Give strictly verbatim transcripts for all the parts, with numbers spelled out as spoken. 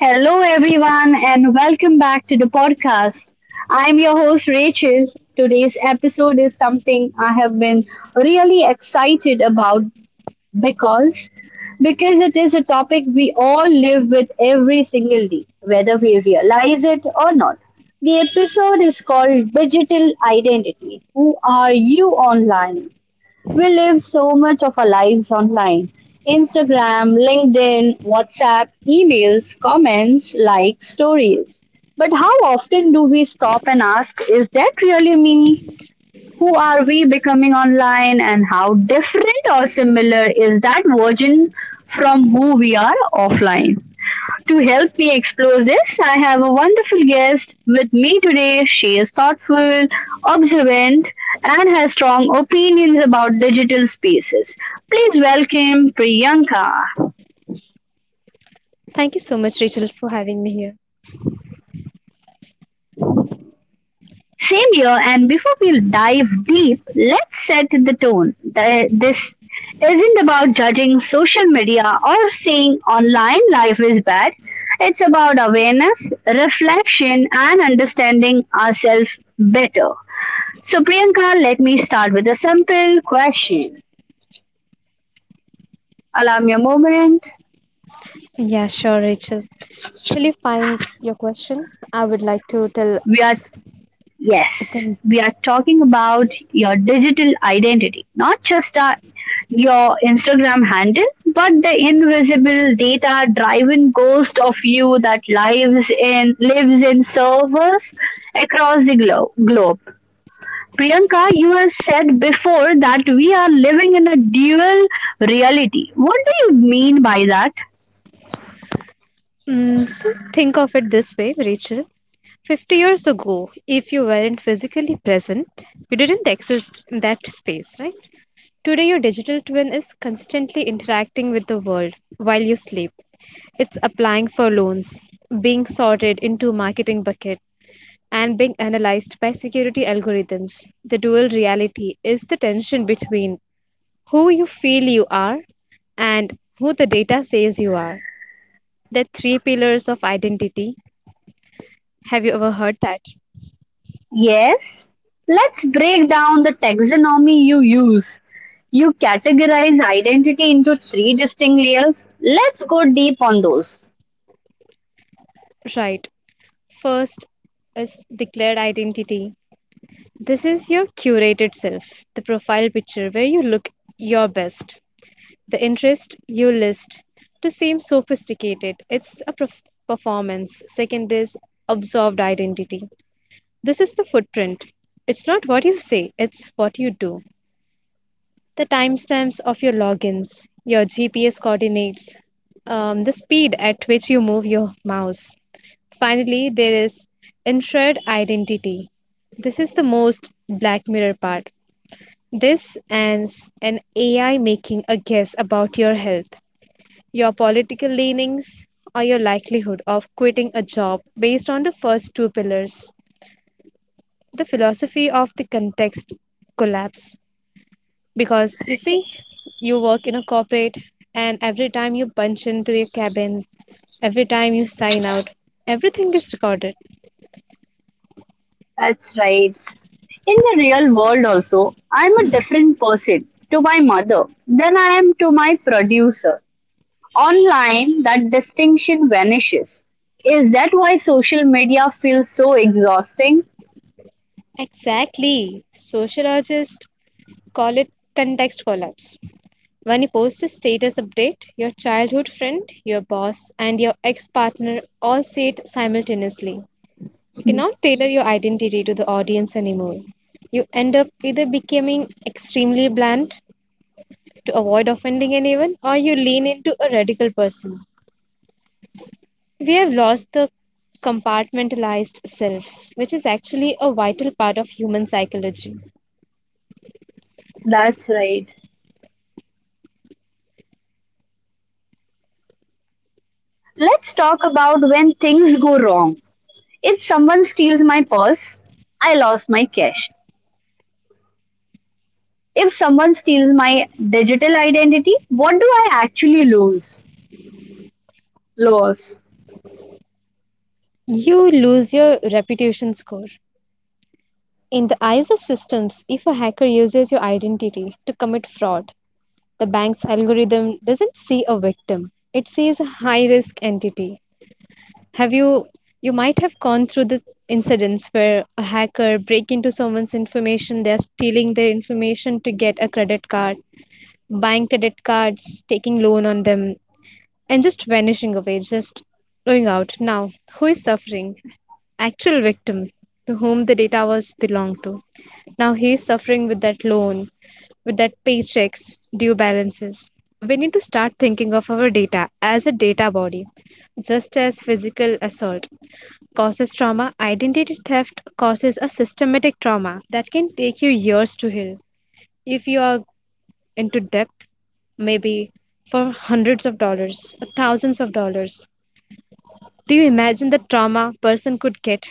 Hello, everyone, and welcome back to the podcast. I'm your host, Rachel. Today's episode is something I have been really excited about because because it is a topic we all live with every single day, whether we realize it or not. The episode is called Digital Identity. Who are you online? We live so much of our lives online: Instagram, LinkedIn, WhatsApp, emails, comments, likes, stories. But how often do we stop and ask, is that really me? Who are we becoming online, and how different or similar is that version from who we are offline? To help me explore this, I have a wonderful guest with me today. She is thoughtful, observant, and has strong opinions about digital spaces. Please welcome Priyanka. Thank you so much, Rachel, for having me here. Same here, and before we dive deep, let's set the tone. The- This isn't about judging social media or saying online life is bad. It's about awareness, reflection, and understanding ourselves better. So, Priyanka, let me start with a simple question. Allow me a moment. Yeah, sure, Rachel. Till you find your question, I would like to tell. We are, yes, a con- we are talking about your digital identity, not just uh, your Instagram handle, but the invisible data driven ghost of you that lives in, lives in servers across the glo- globe. Priyanka, you have said before that we are living in a dual reality. What do you mean by that? Mm, so think of it this way, Rachel. fifty years ago, if you weren't physically present, you didn't exist in that space, right? Today, your digital twin is constantly interacting with the world while you sleep. It's applying for loans, being sorted into marketing bucket, and being analyzed by security algorithms. The dual reality is the tension between who you feel you are and who the data says you are. The three pillars of identity. Have you ever heard that? Yes, let's break down the taxonomy you use. You categorize identity into three distinct layers. Let's go deep on those. Right. First is declared identity. This is your curated self, the profile picture where you look your best. The interest you list to seem sophisticated, it's a perf- performance. Second is absorbed identity. This is the footprint. It's not what you say, it's what you do. The timestamps of your logins, your G P S coordinates, um, the speed at which you move your mouse. Finally, there is insured identity. This is the most Black Mirror part. This and s- an A I making a guess about your health, your political leanings, or your likelihood of quitting a job based on the first two pillars. The philosophy of the context collapse. Because you see, you work in a corporate, and every time you punch into your cabin, every time you sign out, everything is recorded. That's right. In the real world, also, I'm a different person to my mother than I am to my producer. Online, that distinction vanishes. Is that why social media feels so exhausting? Exactly. Sociologists call it context collapse. When you post a status update, your childhood friend, your boss, and your ex partner all see it simultaneously. You cannot tailor your identity to the audience anymore. You end up either becoming extremely bland to avoid offending anyone, or you lean into a radical person. We have lost the compartmentalized self, which is actually a vital part of human psychology. That's right. Let's talk about when things go wrong. If someone steals my purse, I lost my cash. If someone steals my digital identity, what do I actually lose? Loss. You lose your reputation score. In the eyes of systems, if a hacker uses your identity to commit fraud, the bank's algorithm doesn't see a victim. It sees a high-risk entity. Have you you might have gone through the incidents where a hacker break into someone's information, they're stealing their information to get a credit card, buying credit cards, taking loan on them, and just vanishing away, just going out. Now, who is suffering? Actual victim to whom the data was belonged to. Now he is suffering with that loan, with that paychecks, due balances. We need to start thinking of our data as a data body, just as physical assault causes trauma, identity theft causes a systematic trauma that can take you years to heal. If you are into depth, maybe for hundreds of dollars, or thousands of dollars. Do you imagine the trauma person could get?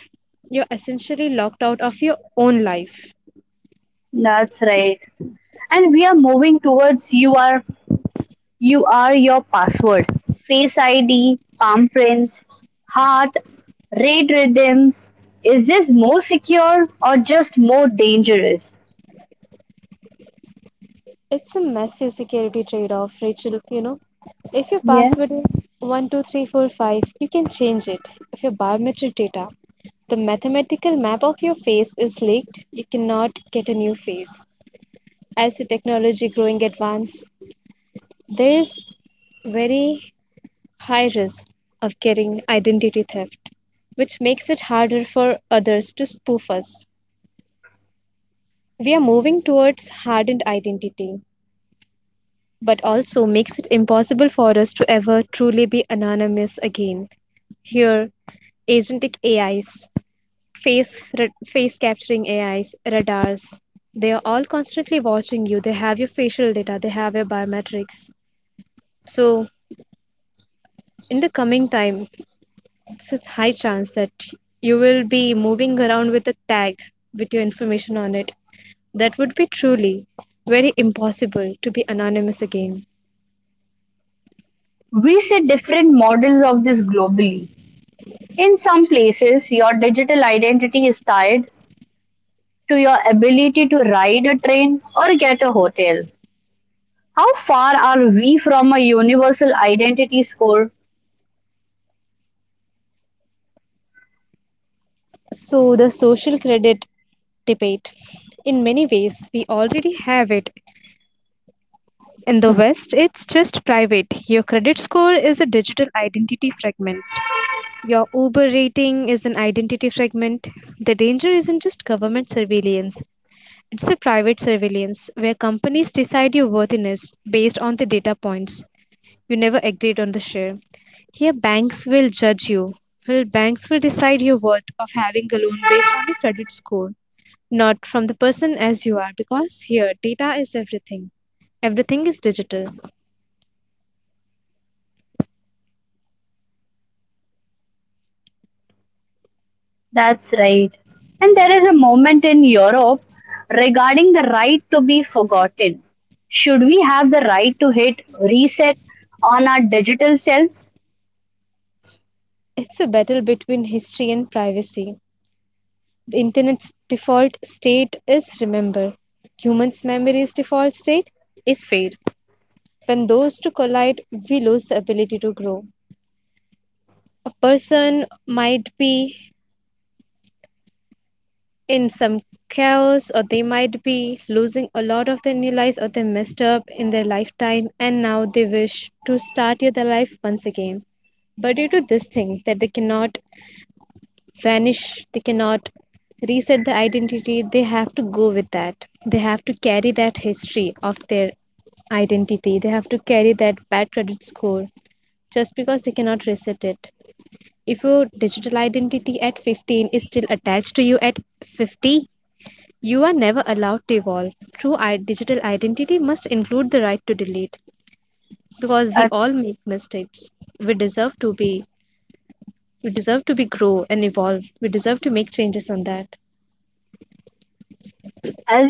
You're essentially locked out of your own life. That's right. And we are moving towards you are you are your password. Face I D, palm prints, heart, raid redeems. Is this more secure or just more dangerous? It's a massive security trade off, Rachel. You know, if your password Yes. is one two three four five, you can change it. If your biometric data, the mathematical map of your face is leaked, you cannot get a new face. As the technology growing advance, there is very high risk of getting identity theft, which makes it harder for others to spoof us. We are moving towards hardened identity, but also makes it impossible for us to ever truly be anonymous again. Here, agentic A Is, face ra- face capturing A Is, radars. They are all constantly watching you. They have your facial data. They have your biometrics. So in the coming time, it's a high chance that you will be moving around with a tag with your information on it. That would be truly very impossible to be anonymous again. We see different models of this globally. In some places, your digital identity is tied to your ability to ride a train or get a hotel. How far are we from a universal identity score? So, the social credit debate. In many ways, we already have it. In the West, it's just private. Your credit score is a digital identity fragment. Your Uber rating is an identity fragment. The danger isn't just government surveillance, it's a private surveillance where companies decide your worthiness based on the data points you never agreed on the share. Here, banks will judge you. Well, banks will decide your worth of having a loan based on your credit score, not from the person as you are, because here, data is everything. Everything is digital. That's right. And there is a moment in Europe regarding the right to be forgotten. Should we have the right to hit reset on our digital selves? It's a battle between history and privacy. The internet's default state is remember. Humans' memory's default state is fade. When those two collide, we lose the ability to grow. A person might be in some chaos, or they might be losing a lot of their new lives, or they messed up in their lifetime, and now they wish to start their life once again. But due to this thing that they cannot vanish, they cannot reset the identity, they have to go with that. They have to carry that history of their identity. They have to carry that bad credit score just because they cannot reset it. If your digital identity at fifteen is still attached to you at fifty, you are never allowed to evolve. True i- digital identity must include the right to delete because we As all make mistakes. We deserve to be we deserve to be grow and evolve. We deserve to make changes on that.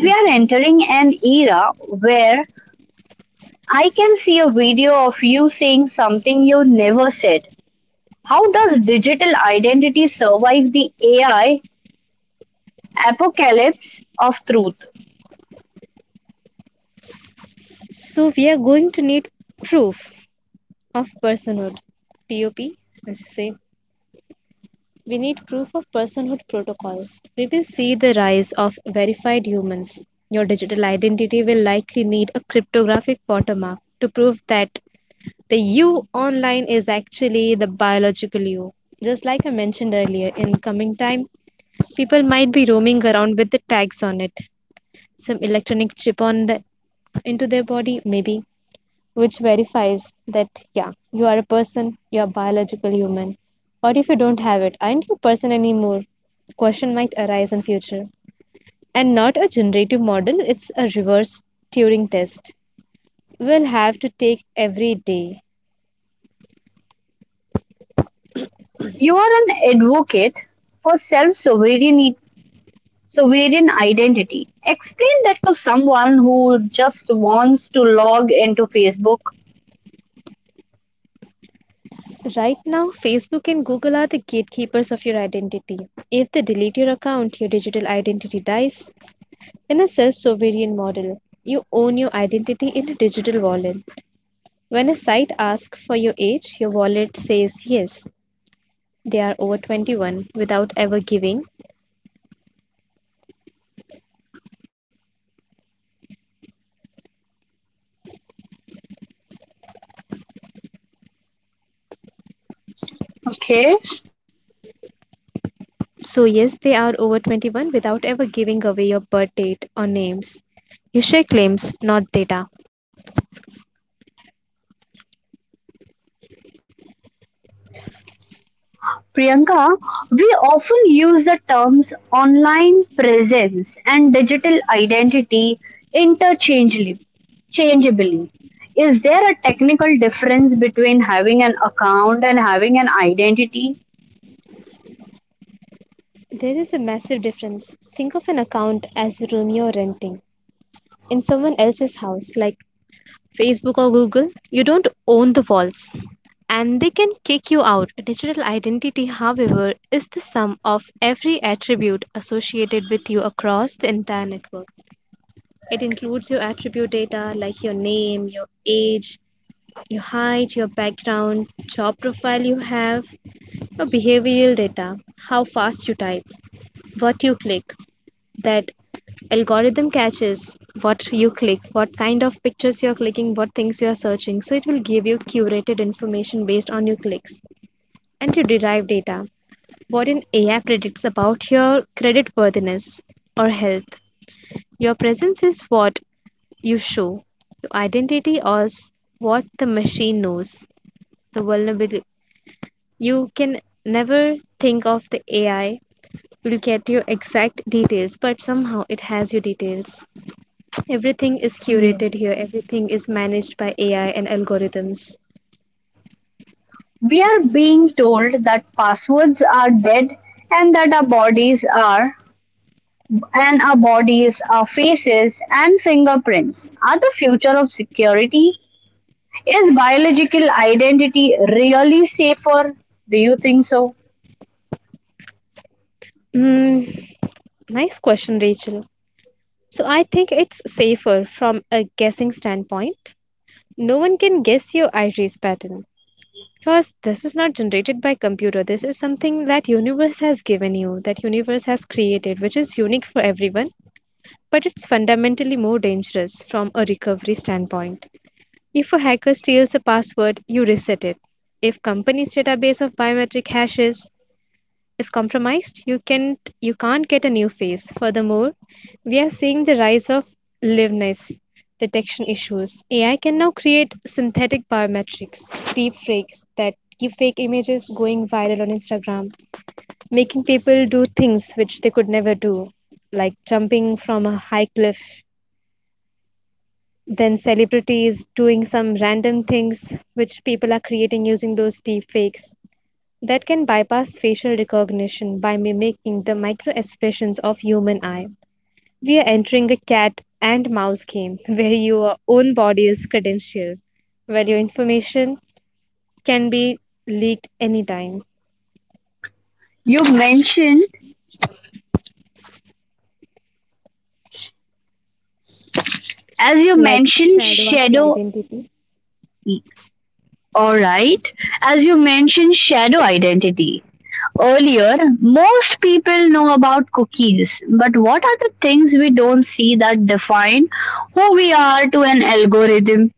we are entering an era where I can see a video of you saying something you never said. How does digital identity survive the A I apocalypse of truth? So we are going to need proof of personhood. POP as you say. We need proof of personhood protocols. We will see the rise of verified humans. Your digital identity will likely need a cryptographic watermark to prove that the you online is actually the biological you. Just like I mentioned earlier, in coming time, people might be roaming around with the tags on it, some electronic chip on the into their body, maybe which verifies that, yeah, you are a person, you're a biological human. What if you don't have it? Aren't you a person anymore? Question might arise in future. And not a generative model, it's a reverse Turing test. We'll have to take every day. You are an advocate for self sovereign sovereign identity. Explain that to someone who just wants to log into Facebook. Right now, Facebook and Google are the gatekeepers of your identity. If they delete your account, your digital identity dies. In a self sovereign model, you own your identity in a digital wallet. When a site asks for your age, your wallet says yes, they are over twenty-one without ever giving. Okay. So, yes, they are over twenty-one without ever giving away your birth date or names. You share claims, not data. Priyanka, we often use the terms online presence and digital identity interchangeably. Changeably. Is there a technical difference between having an account and having an identity? There is a massive difference. Think of an account as a room you're renting in someone else's house, like Facebook or Google, you don't own the walls and they can kick you out. Digital identity, however, is the sum of every attribute associated with you across the entire network. It includes your attribute data like your name, your age, your height, your background, job profile you have, your behavioral data, how fast you type, what you click, that algorithm catches what you click what kind of pictures you're clicking, what things you're searching, so it will give you curated information based on your clicks and to derive data, what an AI predicts about your credit worthiness or health. Your presence is what you show. Your identity is what the machine knows. The vulnerability, you can never think of, the AI will get your exact details, but somehow it has your details. Everything is curated Yes. here, everything is managed by A I and algorithms. We are being told that passwords are dead and that our bodies are and our bodies, our faces and fingerprints are the future of security. Is biological identity really safer? Do you think so? Mm, nice question, Rachel. So I think it's safer from a guessing standpoint. No one can guess your iris pattern because this is not generated by computer. This is something that universe has given you, that universe has created, which is unique for everyone, but it's fundamentally more dangerous from a recovery standpoint. If a hacker steals a password, you reset it. If company's database of biometric hashes is compromised, you can't you can't get a new face. Furthermore, we are seeing the rise of liveness detection issues. A I can now create synthetic biometrics, deep fakes that give fake images going viral on Instagram, making people do things which they could never do, like jumping from a high cliff. Then celebrities doing some random things which people are creating using those deep fakes that can bypass facial recognition by mimicking the micro expressions of human eye. We are entering a cat and mouse game where your own body is credentialed, where your information can be leaked anytime, You mentioned as you like mentioned shadow of your shadow identity. all right as you mentioned shadow identity earlier, most people know about cookies, but what are the things we don't see that define who we are to an algorithm?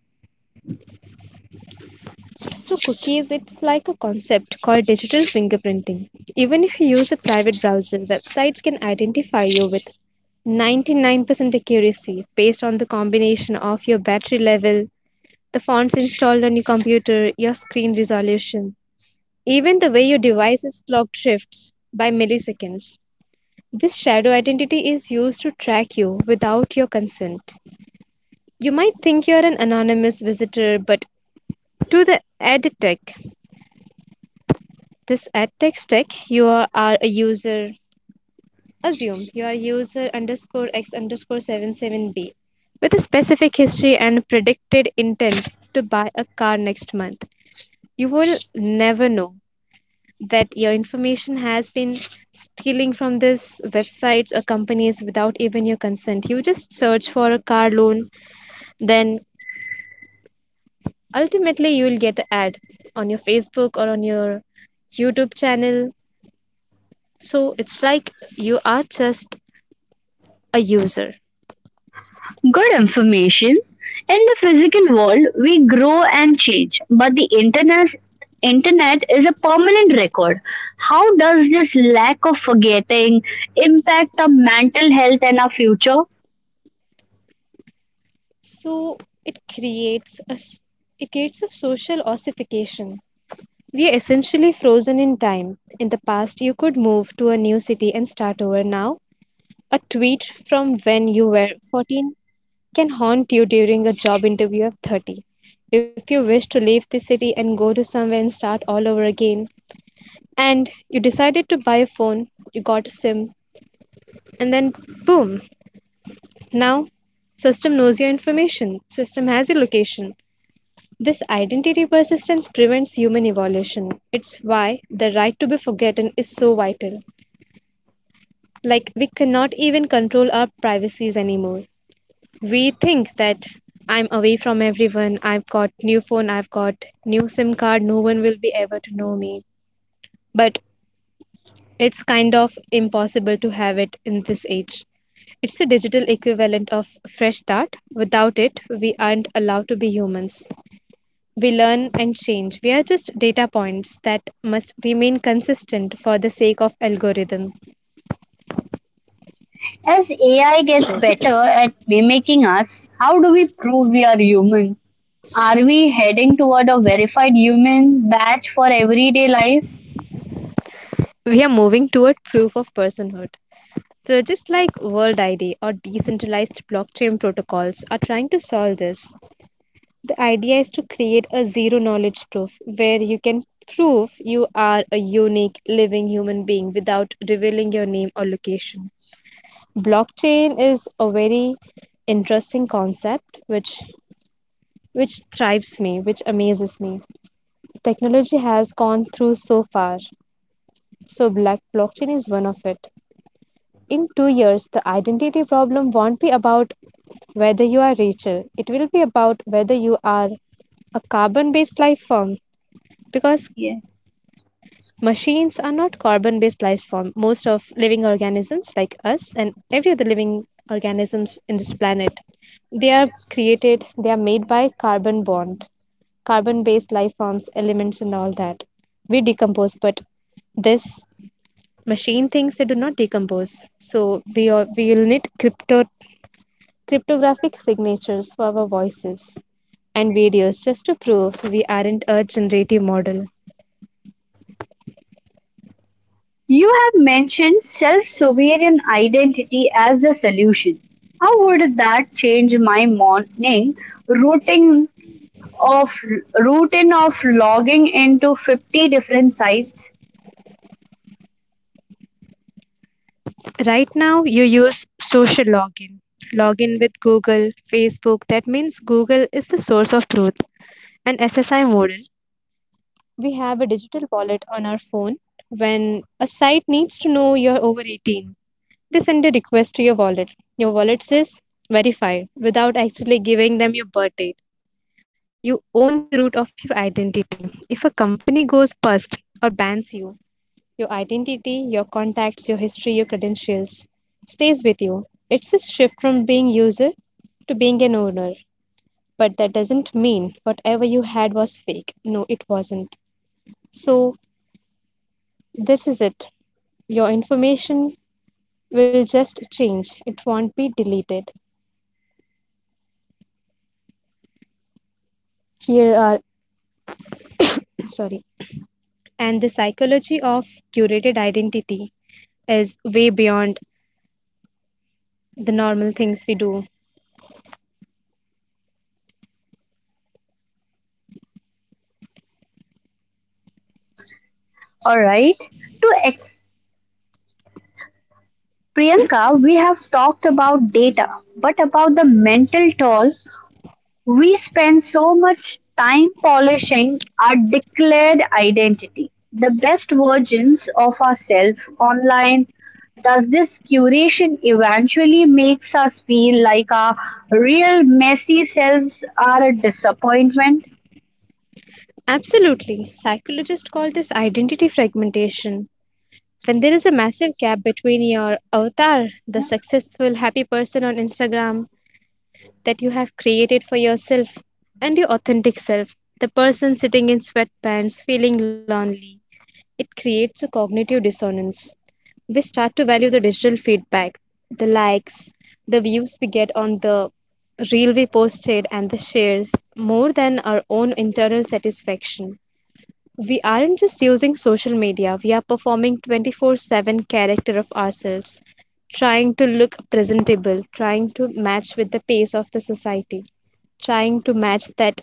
So cookies, it's like a concept called digital fingerprinting. Even if you use a private browser, websites can identify you with ninety-nine percent accuracy based on the combination of your battery level, the fonts installed on your computer, your screen resolution, even the way your device's clock shifts by milliseconds. This shadow identity is used to track you without your consent. You might think you're an anonymous visitor, but to the edtech, this edtech stack, you are, are a user. Assume you are user underscore x underscore seven seven b with a specific history and predicted intent to buy a car next month. You will never know that your information has been stealing from these websites or companies without even your consent. You just search for a car loan, then ultimately you will get an ad on your Facebook or on your YouTube channel. So it's like you are just a user. Good information. In the physical world, we grow and change, but the internet internet is a permanent record. How does this lack of forgetting impact our mental health and our future? So it creates a s- it creates a social ossification. We are essentially frozen in time. In the past, you could move to a new city and start over. Now, a tweet from when you were fourteen can haunt you during a job interview of thirty. If you wish to leave the city and go to somewhere and start all over again, and you decided to buy a phone, you got a SIM, and then boom, now system knows your information, system has your location. This identity persistence prevents human evolution. It's why the right to be forgotten is so vital. Like, we cannot even control our privacies anymore. We think that I'm away from everyone. I've got new phone, I've got new SIM card, no one will be ever to know me. But it's kind of impossible to have it in this age. It's the digital equivalent of a fresh start. Without it, we aren't allowed to be humans. We learn and change. We are just data points that must remain consistent for the sake of algorithm. As A I gets better at mimicking us, how do we prove we are human? Are we heading toward a verified human badge for everyday life? We are moving toward proof of personhood. So just like World I D or decentralized blockchain protocols are trying to solve this, the idea is to create a zero knowledge proof where you can prove you are a unique living human being without revealing your name or location. Blockchain is a very interesting concept which which thrives me, which amazes me. Technology has gone through so far. So black blockchain is one of it. In two years, the identity problem won't be about whether you are richer, it will be about whether you are a carbon based life form, because Yeah. machines are not carbon based life form. Most of living organisms like us and every other living organisms in this planet, they are created, they are made by carbon bond, carbon based life forms, elements and all that. We decompose, but this machine things, they do not decompose. So we all, we will need crypto cryptographic signatures for our voices and videos just to prove we aren't a generative model. You have mentioned self sovereign identity as a solution. How would that change my morning routine of routine of logging into fifty different sites? Right now you use social login, login with Google, Facebook. That means Google is the source of truth. An S S I model, we have a digital wallet on our phone. When a site needs to know you're over eighteen, they send a request to your wallet. Your wallet says verified without actually giving them your birth date. You own the root of your identity. If a company goes bust or bans you, your identity, your contacts, your history, your credentials stays with you. It's a shift from being user to being an owner. But that doesn't mean whatever you had was fake. No, it wasn't. So this is it. Your information will just change. It won't be deleted. Here are sorry. And the psychology of curated identity is way beyond the normal things we do. All right. To ex- Priyanka, we have talked about data, but about the mental toll. We spend so much time polishing our declared identity, the best versions of ourselves online. Does this curation eventually makes us feel like our real messy selves are a disappointment? Absolutely. Psychologists call this identity fragmentation. When there is a massive gap between your avatar, the successful, happy person on Instagram that you have created for yourself, and your authentic self, the person sitting in sweatpants feeling lonely, it creates a cognitive dissonance. We start to value the digital feedback, the likes, the views we get on the reel we posted, and the shares more than our own internal satisfaction. We aren't just using social media, we are performing twenty four seven character of ourselves, trying to look presentable, trying to match with the pace of the society, trying to match that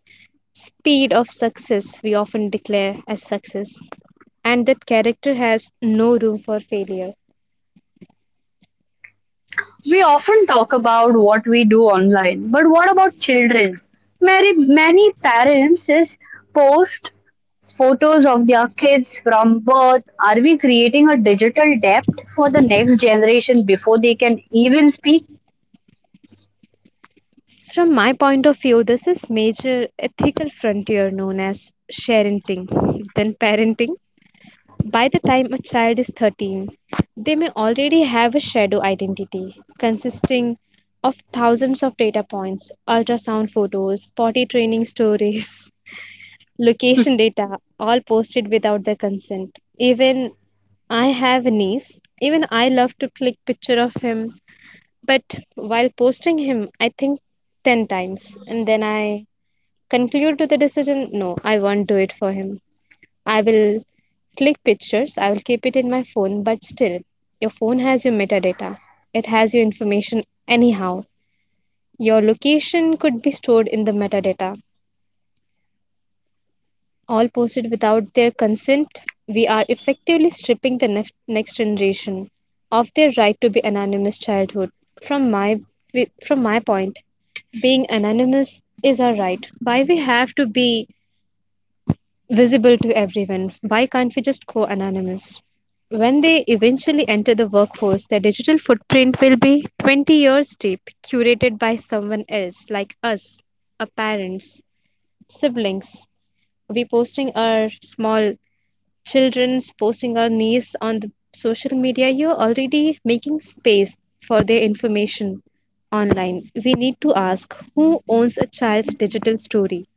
speed of success we often declare as success, and that character has no room for failure. We often talk about what we do online, but what about children? Many, many parents is post photos of their kids from birth? Are we creating a digital debt for the next generation before they can even speak? From my point of view, this is major ethical frontier known as sharenting, then parenting. By the time a child is thirteen, they may already have a shadow identity consisting of thousands of data points, ultrasound photos, potty training stories, location data, all posted without their consent. Even I have a niece, even I love to click picture of him, but while posting him, I think ten times and then I conclude to the decision, no, I won't do it for him. I will click pictures, I will keep it in my phone, but still, your phone has your metadata. It has your information anyhow. Your location could be stored in the metadata. All posted without their consent, we are effectively stripping the nef- next generation of their right to be anonymous childhood. From my from my point, being anonymous is our right. Why we have to be visible to everyone? Why can't we just go anonymous? When they eventually enter the workforce, their digital footprint will be twenty years deep, curated by someone else, like us, our parents, siblings. We posting our small children's, posting our niece on the social media. You're already making space for their information online. We need to ask, who owns a child's digital story?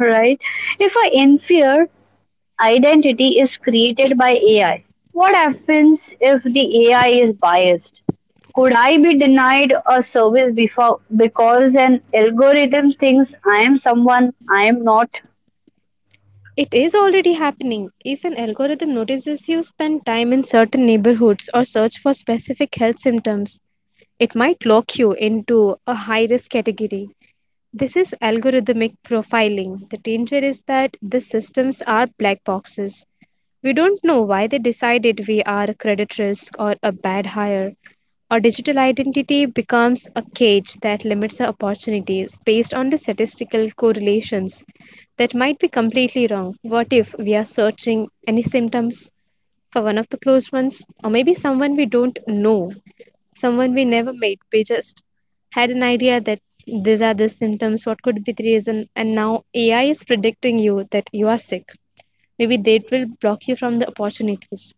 Right? If an inferior identity is created by A I, what happens if the A I is biased? Could I be denied a service before because an algorithm thinks I am someone I am not? It is already happening. If an algorithm notices you spend time in certain neighborhoods or search for specific health symptoms, it might lock you into a high risk category. This is algorithmic profiling. The danger is that these systems are black boxes. We don't know why they decided we are a credit risk or a bad hire. Our digital identity becomes a cage that limits our opportunities based on the statistical correlations that might be completely wrong. What if we are searching any symptoms for one of the closed ones, or maybe someone we don't know, someone we never met? We just had an idea that these are the symptoms, what could be the reason, and now A I is predicting you that you are sick. Maybe they will block you from the opportunities.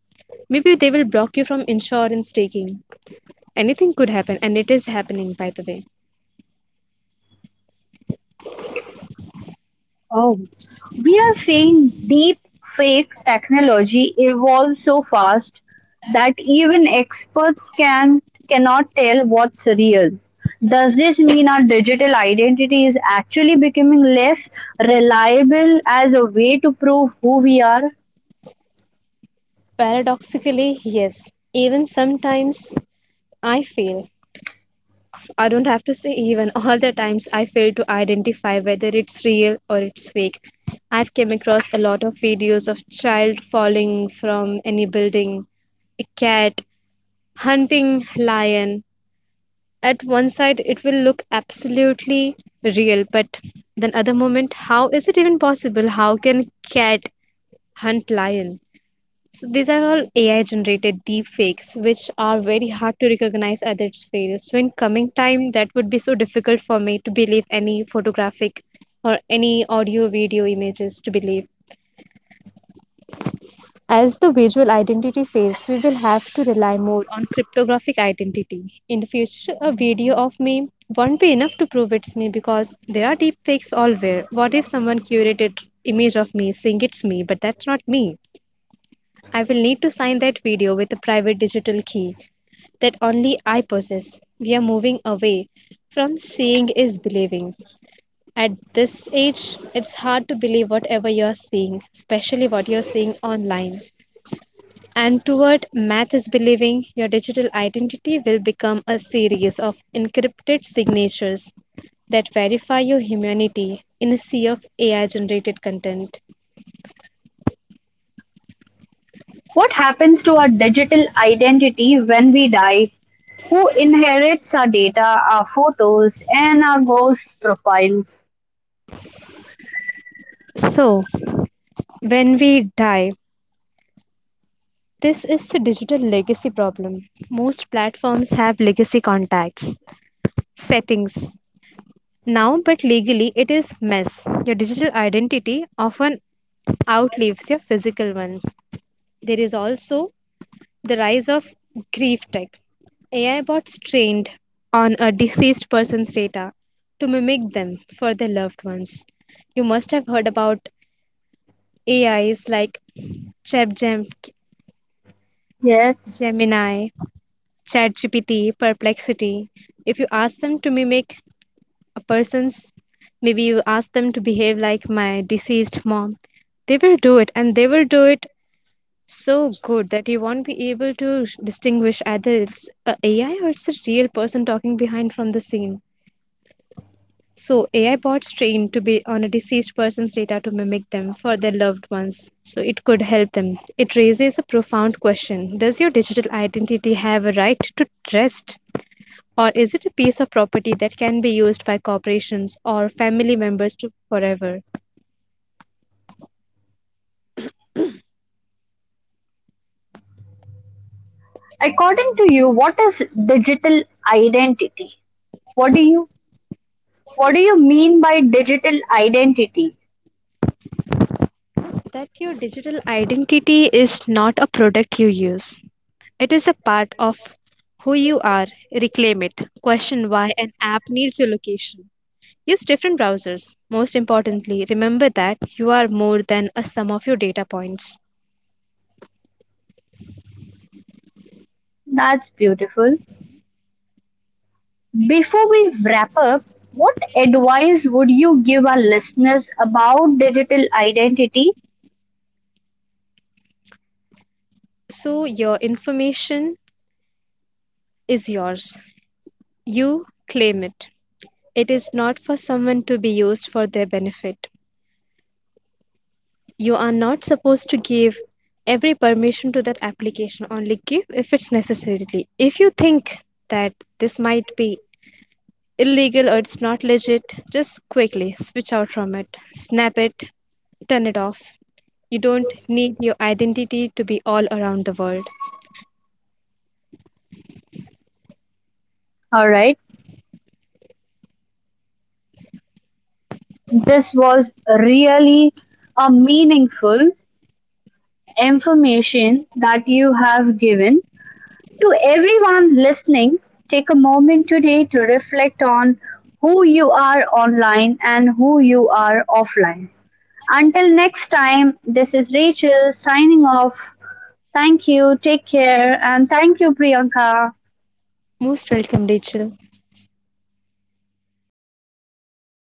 Maybe they will block you from insurance taking. Anything could happen, and it is happening, by the way. We are seeing deep fake technology evolve so fast that even experts can cannot tell what's real. Does this mean our digital identity is actually becoming less reliable as a way to prove who we are? Paradoxically, yes. Even sometimes I feel, I don't have to say even, all the times I fail to identify whether it's real or it's fake. I've came across a lot of videos of child falling from any building, a cat hunting lion. At one side it will look absolutely real, but then other moment, how is it even possible? How can cat hunt lion? So these are all AI generated deep fakes which are very hard to recognize at its fail. So in coming time, that would be so difficult for me to believe any photographic or any audio video images to believe. As the visual identity fails, we will have to rely more on cryptographic identity. In the future, a video of me won't be enough to prove it's me, because there are deepfakes allwhere. What if someone curated image of me saying it's me, but that's not me? I will need to sign that video with a private digital key that only I possess. We are moving away from seeing is believing. At this age, it's hard to believe whatever you're seeing, especially what you're seeing online. And toward math is believing, your digital identity will become a series of encrypted signatures that verify your humanity in a sea of A I generated content. What happens to our digital identity when we die? Who inherits our data, our photos, and our ghost profiles? So, when we die, this is the digital legacy problem. Most platforms have legacy contacts, settings. Now, but legally, it is mess. Your digital identity often outlives your physical one. There is also the rise of grief tech. A I bots trained on a deceased person's data to mimic them for their loved ones. You must have heard about A Is like ChatGem- Yes. Gemini, ChatGPT, Perplexity. If you ask them to mimic a person's, maybe you ask them to behave like my deceased mom, they will do it, and they will do it so good that you won't be able to distinguish either it's a AI or it's a real person talking behind from the scene. So A I bots trained to be on a deceased person's data to mimic them for their loved ones. So it could help them. It raises a profound question. Does your digital identity have a right to rest? Or is it a piece of property that can be used by corporations or family members to forever? According to you, what is digital identity? What do you what do you mean by digital identity? That your digital identity is not a product you use, it is a part of who you are. Reclaim it. Question why an app needs your location. Use different browsers. Most importantly, remember that you are more than a sum of your data points. That's beautiful. Before we wrap up, what advice would you give our listeners about digital identity? So your information is yours. You claim it. It is not for someone to be used for their benefit. You are not supposed to give every permission to that application. Only give if it's necessarily. If you think that this might be illegal or it's not legit, just quickly switch out from it, snap it, turn it off. You don't need your identity to be all around the world. All right, this was really a meaningful information that you have given. To everyone listening, take a moment today to reflect on who you are online and who you are offline. Until next time, this is Rachel signing off. Thank you, take care, and thank you, Priyanka. Most welcome, Rachel.